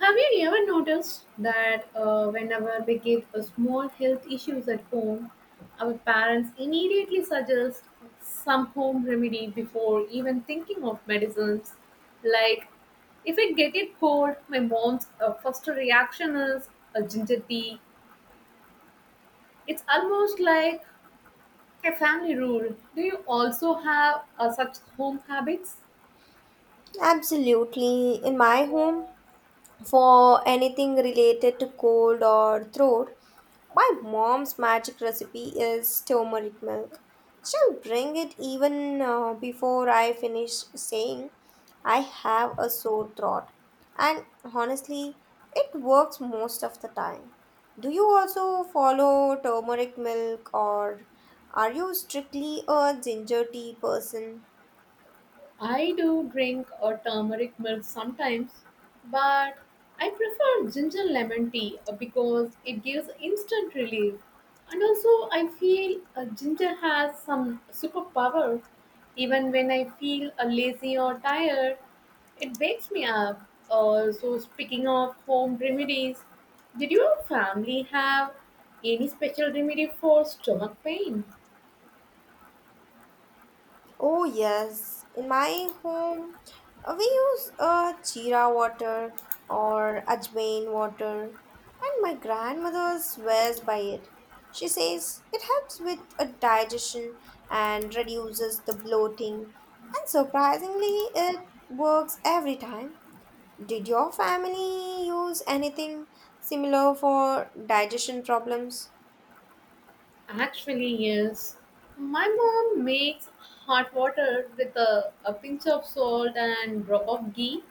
Have you ever noticed that whenever we get a small health issues at home, our parents immediately suggest some home remedy before even thinking of medicines? Like, if I get a cold, my mom's first reaction is a ginger tea. It's almost like a family rule. Do you also have such home habits? Absolutely. In my home, for anything related to cold or throat, my mom's magic recipe is turmeric milk. She'll bring it even before I finish saying I have a sore throat. And honestly, it works most of the time. Do you also follow turmeric milk or are you strictly a ginger tea person? I do drink a turmeric milk sometimes, but I prefer ginger lemon tea because it gives instant relief. And also, I feel ginger has some superpower. Even when I feel lazy or tired, it wakes me up. So, speaking of home remedies, did your family have any special remedy for stomach pain? Oh, yes. In my home, we use jeera water or ajwain water, and my grandmother swears by it. She says it helps with a digestion and reduces the bloating, and surprisingly, it works every time. Did your family use anything similar for digestion problems? Actually, yes. My mom makes hot water with a pinch of salt and drop of ghee.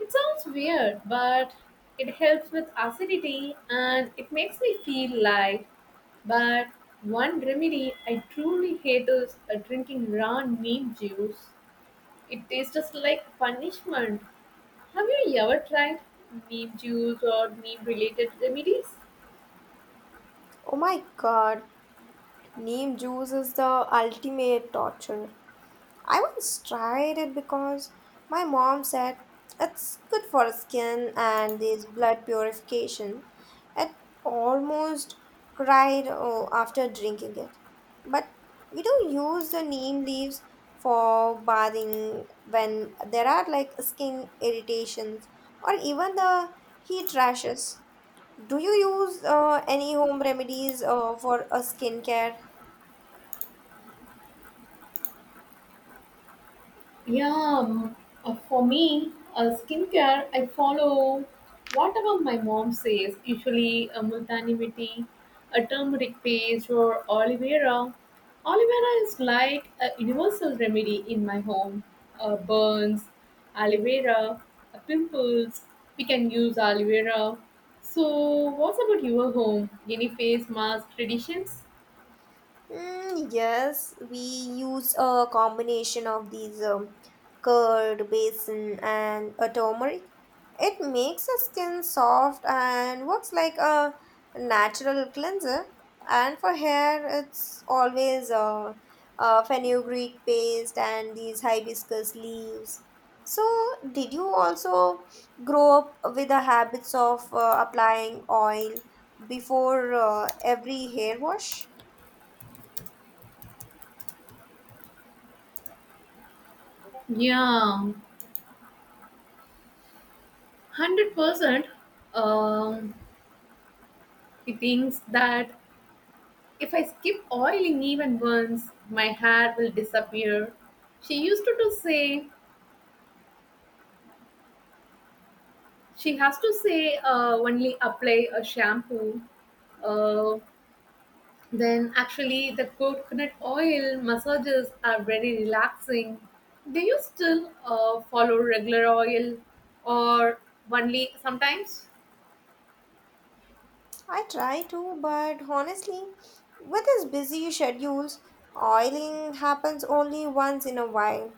It sounds weird, but it helps with acidity and it makes me feel light. But one remedy I truly hate is drinking raw neem juice. It tastes just like punishment. Have you ever tried neem juice or neem related remedies? Oh my god, neem juice is the ultimate torture. I once tried it because my mom said it's good for the skin and this blood purification. It almost cried oh, after drinking it. But we do use the neem leaves for bathing when there are like skin irritations or even the heat rashes. Do you use any home remedies for a skincare? Yeah, um, for me, skincare, I follow whatever my mom says, usually a multani mitti, a turmeric paste, or aloe vera. Aloe vera is like a universal remedy in my home. Burns, aloe vera, pimples, we can use aloe vera. So, what's about your home? Any face mask traditions? Mm, yes, we use a combination of these curd, basin, and a turmeric. It makes the skin soft and works like a natural cleanser. And for hair, it's always fenugreek paste and these hibiscus leaves. So, did you also grow up with the habits of applying oil before every hair wash? Yeah, 100%. Um, he thinks that if I skip oiling even once, my hair will disappear. She used to say, she has to say, only apply a shampoo. Uh, then, actually, the coconut oil massages are very relaxing. Do you still follow regular oil or only sometimes? I try to, but honestly, with his busy schedules, oiling happens only once in a while.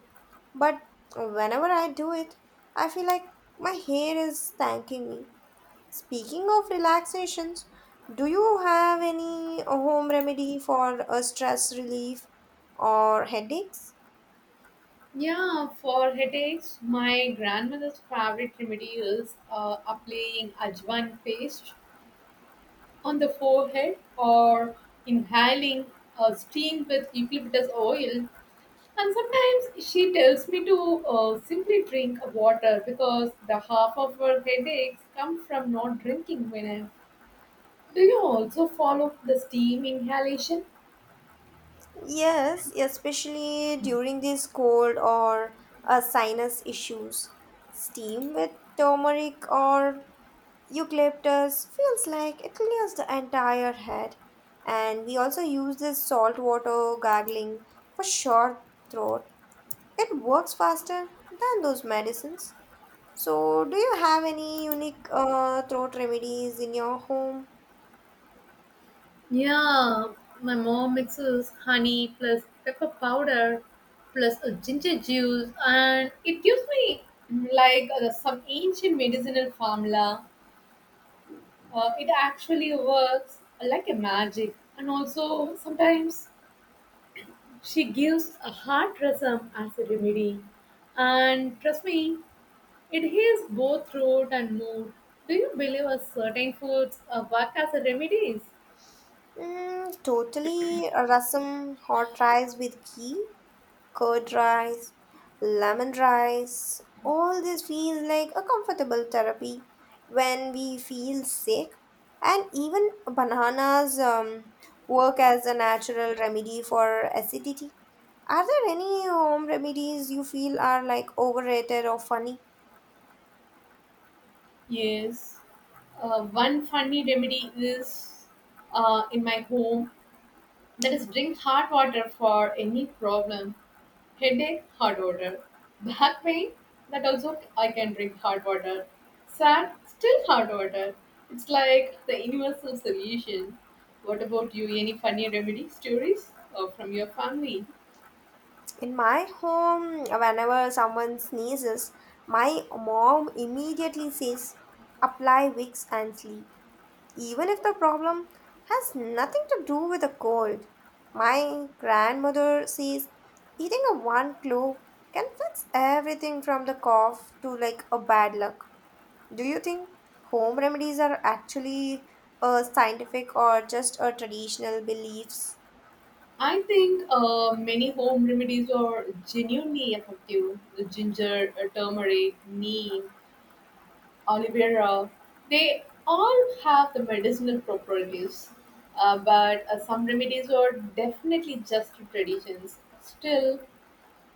But whenever I do it, I feel like my hair is thanking me. Speaking of relaxations, do you have any home remedy for a stress relief or headaches? Yeah, for headaches, my grandmother's favorite remedy is applying ajwan paste on the forehead or inhaling steam with eucalyptus oil. And sometimes she tells me to simply drink water because the half of her headaches come from not drinking venom. Do you also follow the steam inhalation? Yes, especially during this cold or sinus issues. Steam with turmeric or eucalyptus feels like it clears the entire head, and we also use this salt water gargling for short throat. It works faster than those medicines. So, do you have any unique throat remedies in your home? Yeah, my mom mixes honey plus pepper powder plus a ginger juice, and it gives me some ancient medicinal formula. It actually works like a magic, and also sometimes she gives a heart rasam as a remedy. And trust me, it heals both throat and mood. Do you believe a certain foods work as a remedies? Mm, totally. Rasam, hot rice with ghee, curd rice, lemon rice, all this feels like a comfortable therapy when we feel sick. And even bananas work as a natural remedy for acidity. Are there any home remedies you feel are like overrated or funny? Yes. One funny remedy is in my home, that is drink hot water for any problem. Headache, hard water. Back pain, that also I can drink hard water. Sad, still hard water. It's like the universal solution. What about you? Any funny remedy stories from your family? In my home, whenever someone sneezes, my mom immediately says, apply wicks and sleep. Even if the problem has nothing to do with a cold. My grandmother says eating a one clove can fix everything from the cough to like a bad luck. Do you think home remedies are actually scientific or just a traditional beliefs? I think many home remedies are genuinely effective. The ginger, turmeric, neem, Olivera, they all have the medicinal properties, but some remedies are definitely just traditions. Still,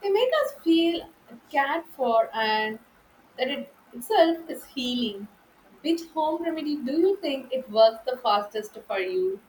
they make us feel cared for, and that it itself is healing. Which home remedy do you think it works the fastest for you?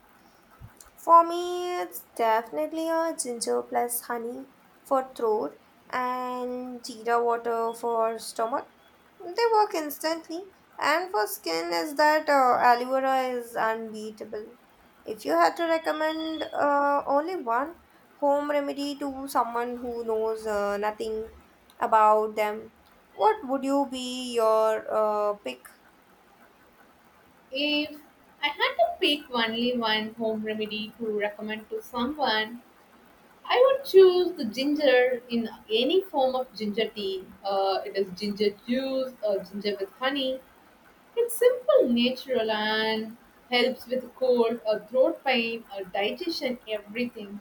For me, it's definitely a ginger plus honey for throat and jeera water for stomach. They work instantly. And for skin, is that aloe vera is unbeatable. If you had to recommend only one home remedy to someone who knows nothing about them, what would you be your pick? If I had to pick only one home remedy to recommend to someone, I would choose the ginger in any form of ginger tea. It is ginger juice or ginger with honey. It's simple, natural, and helps with cold or throat pain or digestion, everything.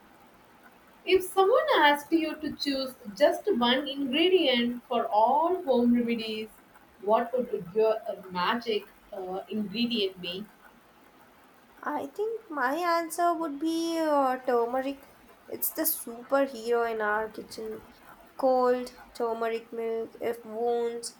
If someone asked you to choose just one ingredient for all home remedies, what would your magic ingredient be? I think my answer would be turmeric. It's the superhero in our kitchen. Cold turmeric milk, if wounds,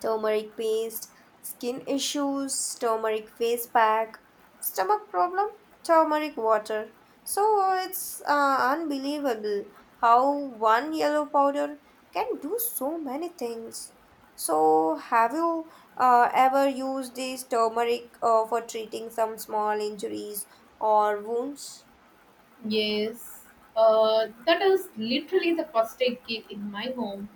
turmeric paste, skin issues, turmeric face pack, stomach problem, turmeric water. So it's unbelievable how one yellow powder can do so many things. So have you ever used this turmeric for treating some small injuries or wounds? Yes, that is literally the first aid kit in my home.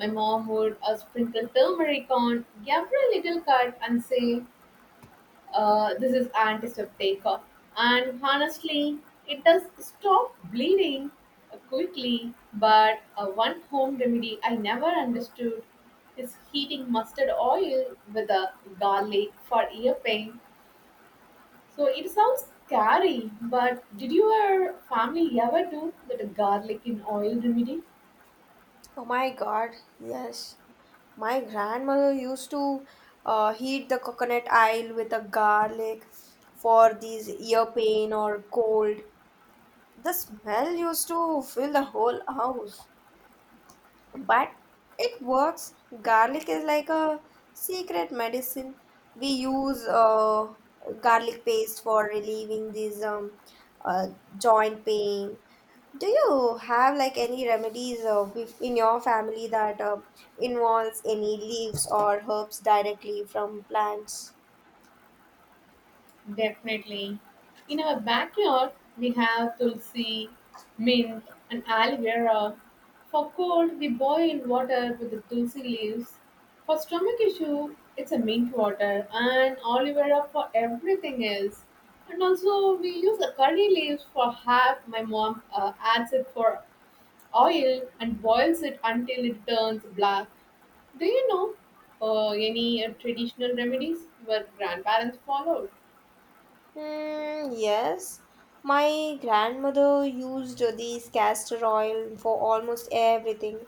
My mom would sprinkle turmeric on every little cut and say, "This is antiseptic," and honestly, it does stop bleeding quickly. But one home remedy I never understood is heating mustard oil with a garlic for ear pain. So it sounds scary, but did your family ever do that garlic in oil remedy? Oh my god, yes. My grandmother used to heat the coconut oil with a garlic for these ear pain or cold. The smell used to fill the whole house, but it works. Garlic is like a secret medicine. We use garlic paste for relieving these uh, joint pain. Do you have like any remedies with- in your family that involves any leaves or herbs directly from plants? Definitely. In our backyard, we have tulsi, mint, and aloe vera. For cold, we boil water with the tulsi leaves. For stomach issue, it's a mint water and aloe vera for everything else. And also, we use the curry leaves for half. My mom adds it for oil and boils it until it turns black. Do you know any traditional remedies your grandparents followed? Hmm, yes. My grandmother used this castor oil for almost everything.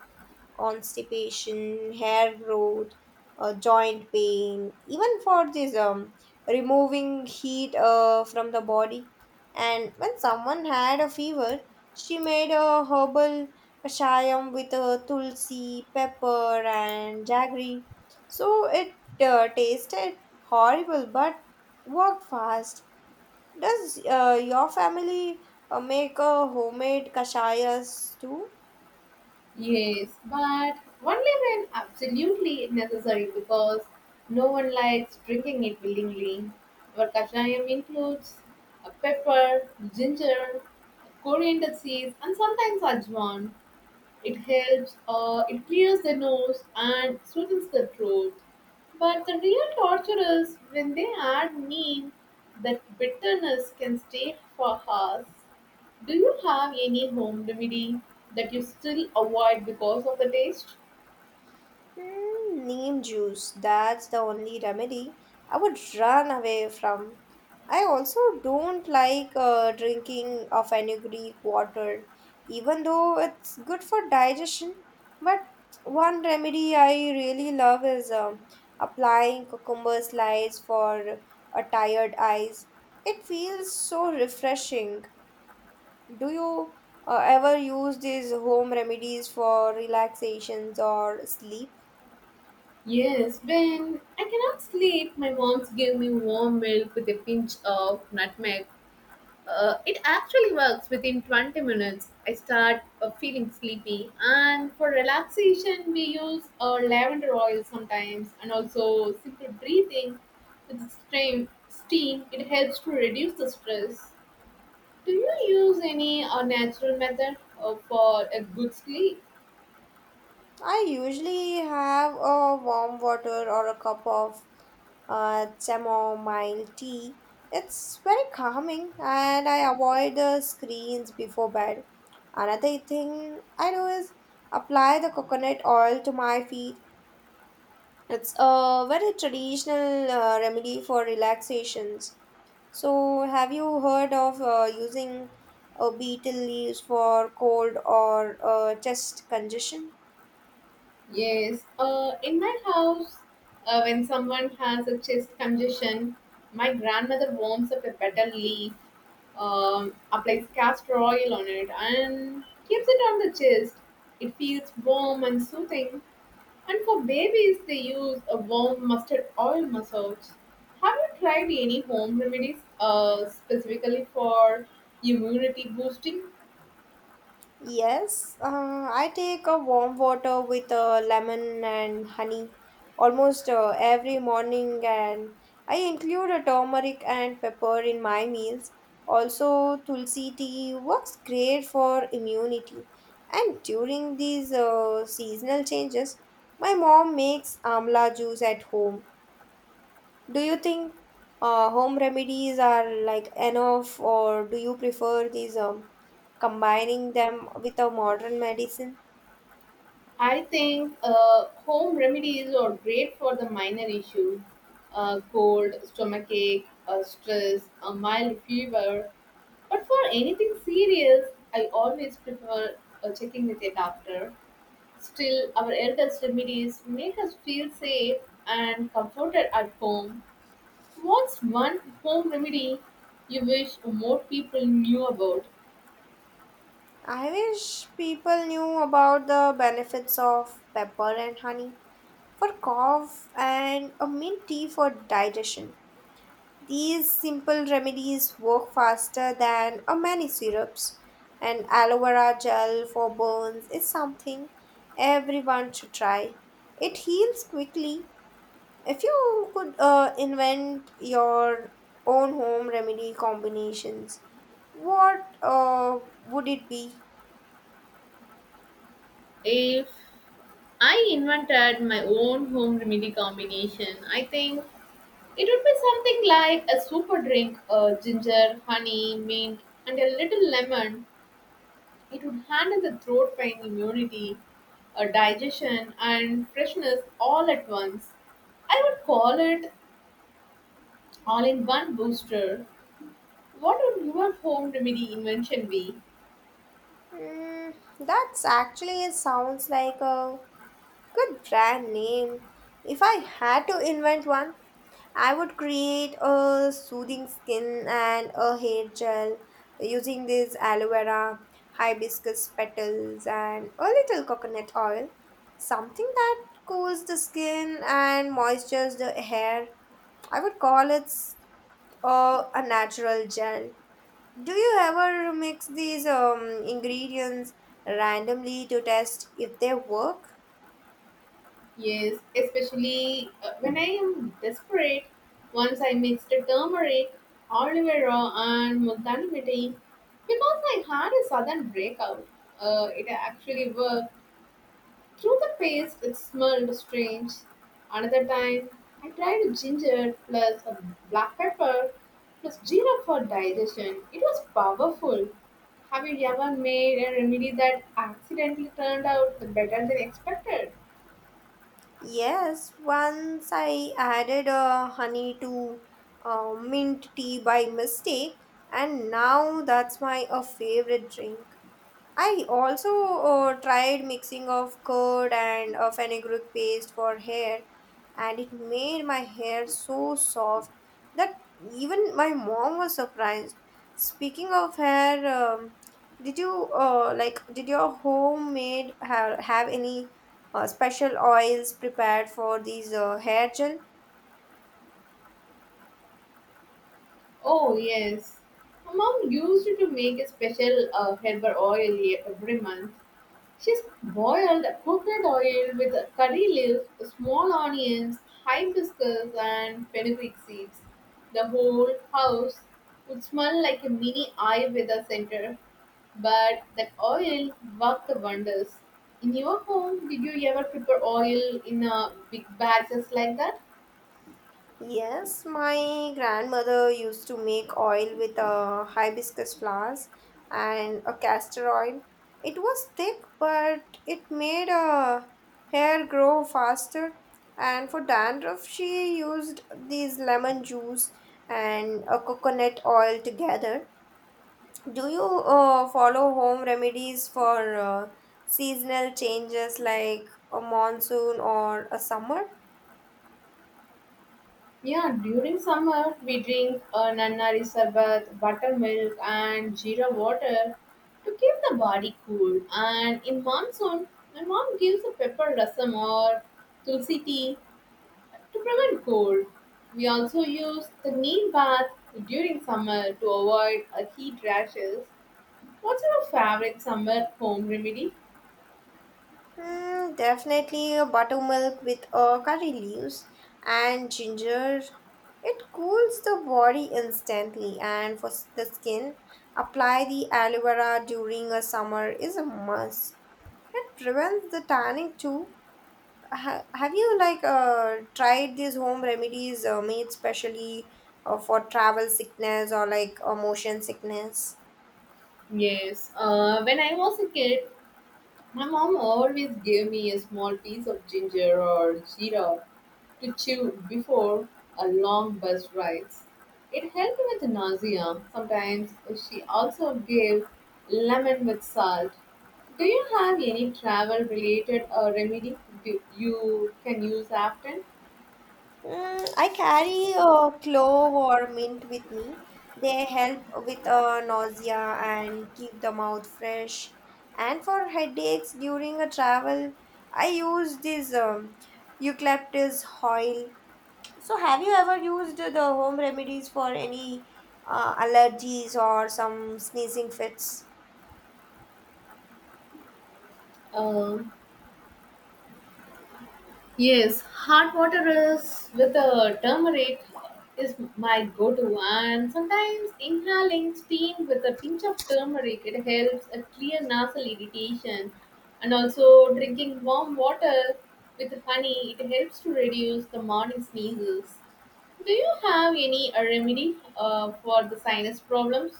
Constipation, hair growth, joint pain, even for this removing heat from the body. And when someone had a fever, she made a herbal kashayam with tulsi, pepper, and jaggery. So it tasted horrible but worked fast. Does your family make a homemade kashayas too? Yes, but only when absolutely necessary because no one likes drinking it willingly. Our kashayam includes a pepper, ginger, coriander seeds, and sometimes ajwan. It helps, it clears the nose and soothes the throat. But the real torture is when they add neem, that bitterness can stay for hours. Do you have any home remedy that you still avoid because of the taste? Hmm, neem juice, that's the only remedy I would run away from. I also don't like drinking of any Greek water, even though it's good for digestion. But one remedy I really love is applying cucumber slice for a tired eyes. It feels so refreshing. Do you ever use these home remedies for relaxations or sleep? Yes, when I cannot sleep, my mom's give me warm milk with a pinch of nutmeg. It actually works within 20 minutes. I start feeling sleepy, and for relaxation, we use lavender oil sometimes, and also simple breathing with steam. Steam it helps to reduce the stress. Do you use any natural method for a good sleep? I usually have a warm water or a cup of chamomile tea. It's very calming and I avoid the screens before bed. Another thing I do is apply the coconut oil to my feet. It's a very traditional remedy for relaxations. So, have you heard of using beetle leaves for cold or chest congestion? Yes. In my house, when someone has a chest congestion, my grandmother warms up a petal leaf, applies castor oil on it and keeps it on the chest. It feels warm and soothing. And for babies, they use a warm mustard oil massage. Have you tried any home remedies specifically for immunity boosting? Yes, I take a warm water with lemon and honey almost every morning, and I include a turmeric and pepper in my meals. Also, tulsi tea works great for immunity. And during these seasonal changes, my mom makes amla juice at home. Do you think home remedies are like enough, or do you prefer these combining them with a modern medicine? I think home remedies are great for the minor issues, cold, stomachache, stress, a mild fever, but for anything serious, I always prefer checking with a doctor. Still, our eldest remedies make us feel safe and comforted at home. What's one home remedy you wish more people knew about? I wish people knew about the benefits of pepper and honey for cough and a mint tea for digestion. These simple remedies work faster than a many syrups, and aloe vera gel for burns is something everyone should try. It heals quickly. If you could invent your own home remedy combinations, what would it be? If I invented my own home remedy combination, I think it would be something like a super drink, ginger, honey, mint, and a little lemon. It would handle the throat pain, immunity, digestion, and freshness all at once. I would call it all in one booster. What would your home remedy invention be? Mm, that's actually it sounds like a good brand name. If I had to invent one, I would create a soothing skin and a hair gel using this aloe vera, hibiscus petals, and a little coconut oil. Something that cools the skin and moistures the hair. I would call it a natural gel. Do you ever mix these ingredients randomly to test if they work? Yes, especially when I am desperate. Once I mixed turmeric, aloe vera, and multani mitti because I had a sudden breakout. It actually worked. Through the paste, it smelled strange. Another time, I tried ginger plus a black pepper plus jeera for digestion. It was powerful. Have you ever made a remedy that accidentally turned out better than expected? Yes, once I added honey to mint tea by mistake, and now that's my a favorite drink. I also tried mixing of curd and fenugreek paste for hair, and it made my hair so soft that even my mom was surprised. Speaking of hair, did you like did your homemade have any special oils prepared for these hair gel? Oh, yes. My mom used it to make a special herbal oil every month. She's boiled coconut oil with curry leaves, small onions, hibiscus, and fenugreek seeds. The whole house would smell like a mini Ayurveda center, but that oil worked wonders. In your home, did you ever prepare oil in a big batches like that? Yes, my grandmother used to make oil with hibiscus flowers and a castor oil. It was thick, but it made hair grow faster. And for dandruff, she used these lemon juice and a coconut oil together. Do you follow home remedies for seasonal changes like a monsoon or a summer? Yeah, during summer we drink nanari sarbat, buttermilk, and jeera water to keep the body cool. And in monsoon, my mom gives a pepper rasam or tulsi tea to prevent cold. We also use the neem bath during summer to avoid heat rashes. What's your favorite summer home remedy? Mm, definitely a buttermilk with curry leaves and ginger. It cools the body instantly, and for s- the skin, apply the aloe vera during a summer is a must. It prevents the tanning too. Ha- have you like tried these home remedies made specially for travel sickness or like motion sickness? Yes, when I was a kid, my mom always gave me a small piece of ginger or jeera to chew before a long bus rides. It helped with nausea. Sometimes she also gave lemon with salt. Do you have any travel related remedy do you can use often? Mm, I carry a clove or mint with me. They help with nausea and keep the mouth fresh. And for headaches during a travel, I use this eucalyptus oil. So, have you ever used the home remedies for any allergies or some sneezing fits? Uh, Yes, hot water is with a turmeric is my go-to, and sometimes inhaling steam with a pinch of turmeric it helps a clear nasal irritation, and also drinking warm water with honey it helps to reduce the morning sneezes. Do you have any remedy for the sinus problems?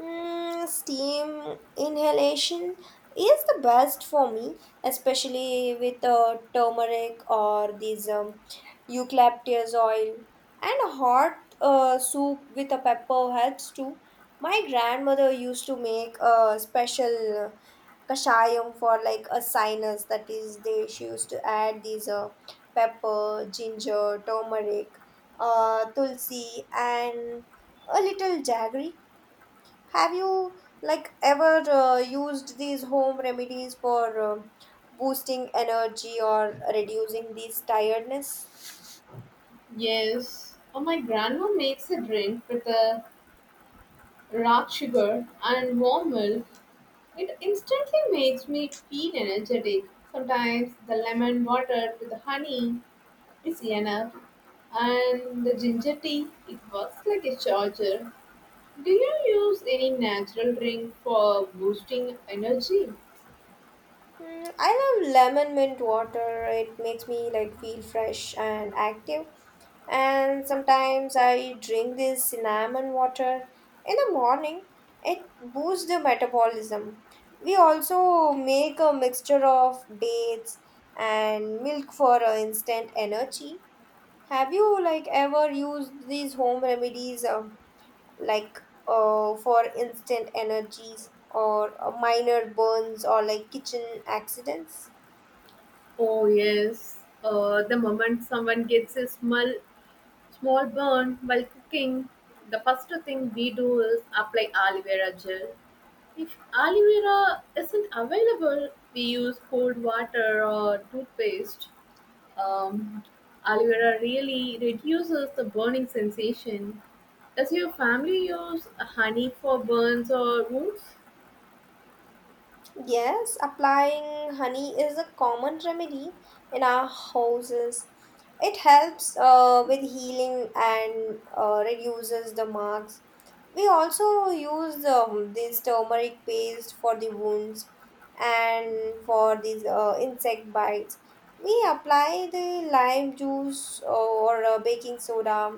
Mm, steam inhalation is the best for me, especially with turmeric or these eucalyptus oil. And a hot soup with a pepper helps too. My grandmother used to make a special kashayam for like a sinus. That is, they she used to add these pepper, ginger, turmeric, tulsi, and a little jaggery. Have you like ever used these home remedies for boosting energy or reducing this tiredness? Yes, oh my grandma makes a drink with a rock sugar and warm milk. It instantly makes me feel energetic. Sometimes the lemon water with the honey is enough, and the ginger tea it works like a charger. Do you use any natural drink for boosting energy? Mm, I love lemon mint water. It makes me like feel fresh and active. And sometimes I drink this cinnamon water in the morning. It boosts the metabolism. We also make a mixture of dates and milk for instant energy. Have you like ever used these home remedies like for instant energies or minor burns or like kitchen accidents? Oh yes, the moment someone gets a small burn while cooking, the first thing we do is apply aloe vera gel. If aloe vera isn't available, we use cold water or toothpaste. Um, aloe vera really reduces the burning sensation. Does your family use honey for burns or wounds? Yes, applying honey is a common remedy in our houses. It helps with healing and reduces the marks. We also use this turmeric paste for the wounds, and for these insect bites we apply the lime juice or baking soda.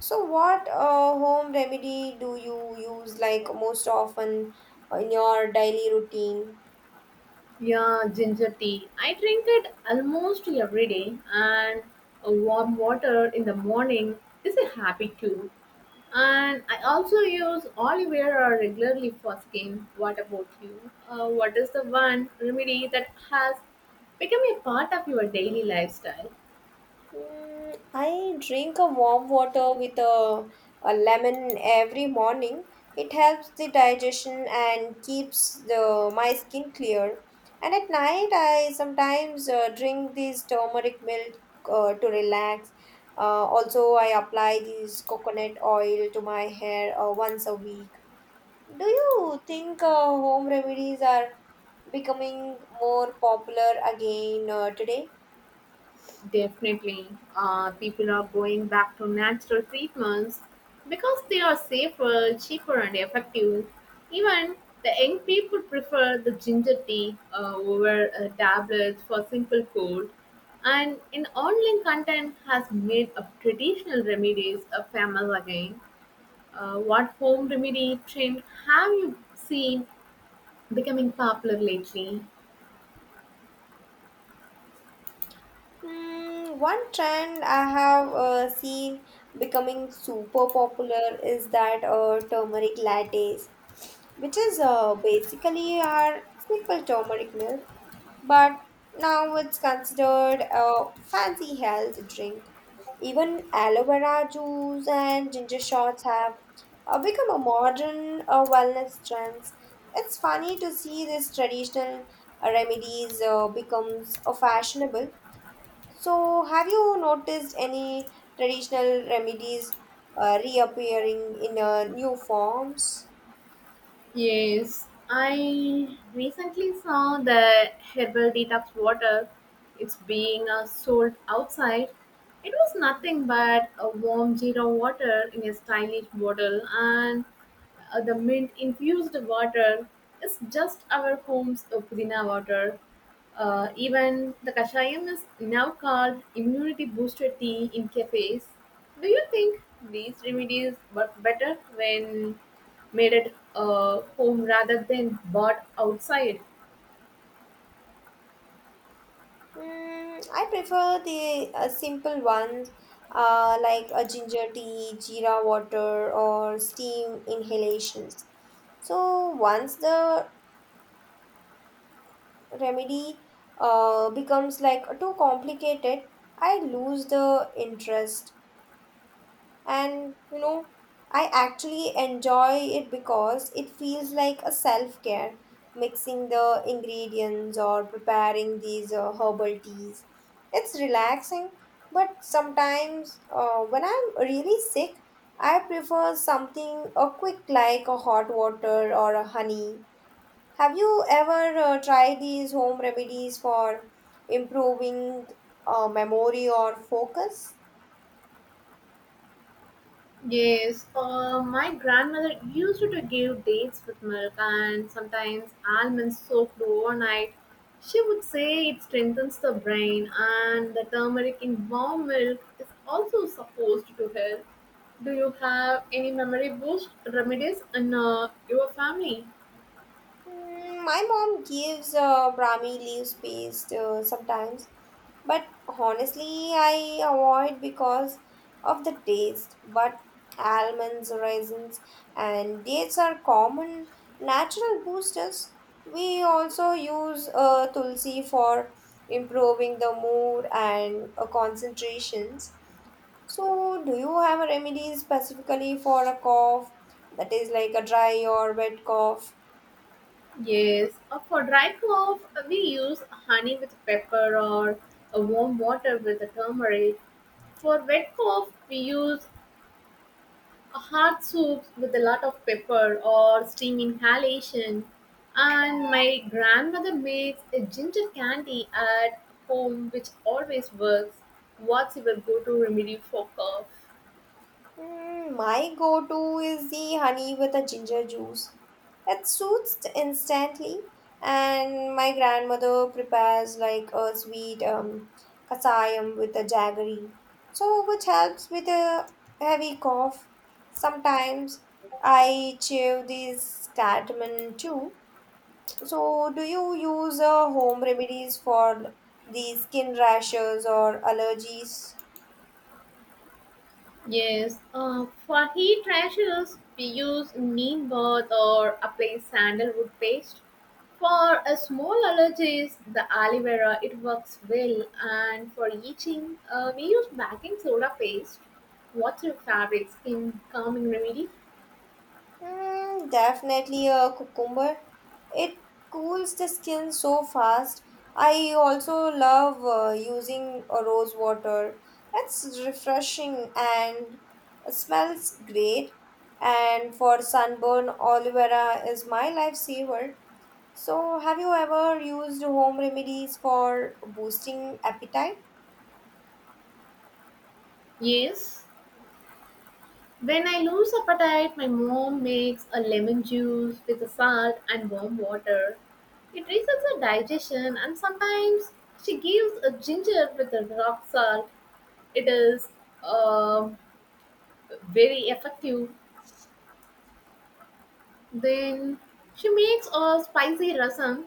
So what home remedy do you use like most often in your daily routine? Yeah, ginger tea. I drink it almost every day, and a warm water in the morning is a happy too. And I also use Oliveira regularly for skin. What about you? What is the one remedy that has become a part of your daily lifestyle? Mm, I drink a warm water with a lemon every morning. It helps the digestion and keeps the my skin clear. And at night, I sometimes drink this turmeric milk to relax. Also, I apply this coconut oil to my hair once a week. Do you think home remedies are becoming more popular again today? Definitely, people are going back to natural treatments because they are safer, cheaper, and effective. Even the young people prefer the ginger tea over tablets for simple cold. And in online content has made of traditional remedies a famous again. What home remedy trend have you seen becoming popular lately? Hmm. One trend I have seen becoming super popular is that turmeric lattes, which is basically our simple turmeric milk, but now it's considered a fancy health drink. Even aloe vera juice and ginger shots have become a modern wellness trends. It's funny to see these traditional remedies becomes fashionable. So, have you noticed any traditional remedies reappearing in new forms? Yes, I recently saw the herbal detox water. It's being sold outside. It was nothing but a warm zero water in a stylish bottle, and the mint infused water is just our home's pudina water. Even the kashayam is now called immunity booster tea in cafes. Do you think these remedies work better when made at home rather than bought outside? Mm, I prefer the simple ones like a ginger tea, jeera water, or steam inhalations. So, once the remedy becomes like too complicated, I lose the interest. And you know, I actually enjoy it because it feels like a self care, mixing the ingredients or preparing these herbal teas. It's relaxing, but sometimes when I'm really sick I prefer something a quick like a hot water or a honey. Have you ever tried these home remedies for improving memory or focus? Yes, my grandmother used to give dates with milk and sometimes almonds soaked overnight. She would say it strengthens the brain, and the turmeric in warm milk is also supposed to help. Do you have any memory boost remedies in your family? Mm, my mom gives Brahmi leaves paste sometimes, but honestly, I avoid because of the taste. But almonds, raisins, and dates are common natural boosters. We also use tulsi for improving the mood and concentrations. So, do you have a remedy specifically for a cough that is like a dry or wet cough? Yes, for dry cough, we use honey with pepper or warm water with a turmeric. For wet cough, we use a hot soups with a lot of pepper or steam inhalation. And my grandmother makes a ginger candy at home, which always works. What's your go-to remedy for cough? Hmm, my go to is the honey with a ginger juice. It soothes instantly, and my grandmother prepares like a sweet kasayam with a jaggery, so which helps with a heavy cough. Sometimes I chew these cardamom too. So, do you use home remedies for the skin rashes or allergies? Yes, for heat rashes, we use neem bath or apply sandalwood paste. For a small allergies, the aloe vera it works well, and for itching, we use baking soda paste. What's your favorite skin calming remedy? Mm, definitely a cucumber. It cools the skin so fast. I also love using a rose water. It's refreshing and smells great. And for sunburn, aloe vera is my lifesaver. So, have you ever used home remedies for boosting appetite? Yes. When I lose appetite, my mom makes a lemon juice with a salt and warm water. It resets the digestion, and sometimes she gives a ginger with a rock salt. It is uh, very effective. Then she makes a spicy rasam.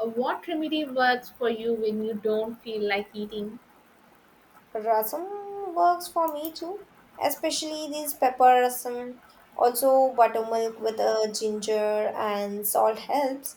What remedy works for you when you don't feel like eating? Rasam works for me too, especially this pepper rasam. Also, buttermilk with ginger and salt helps.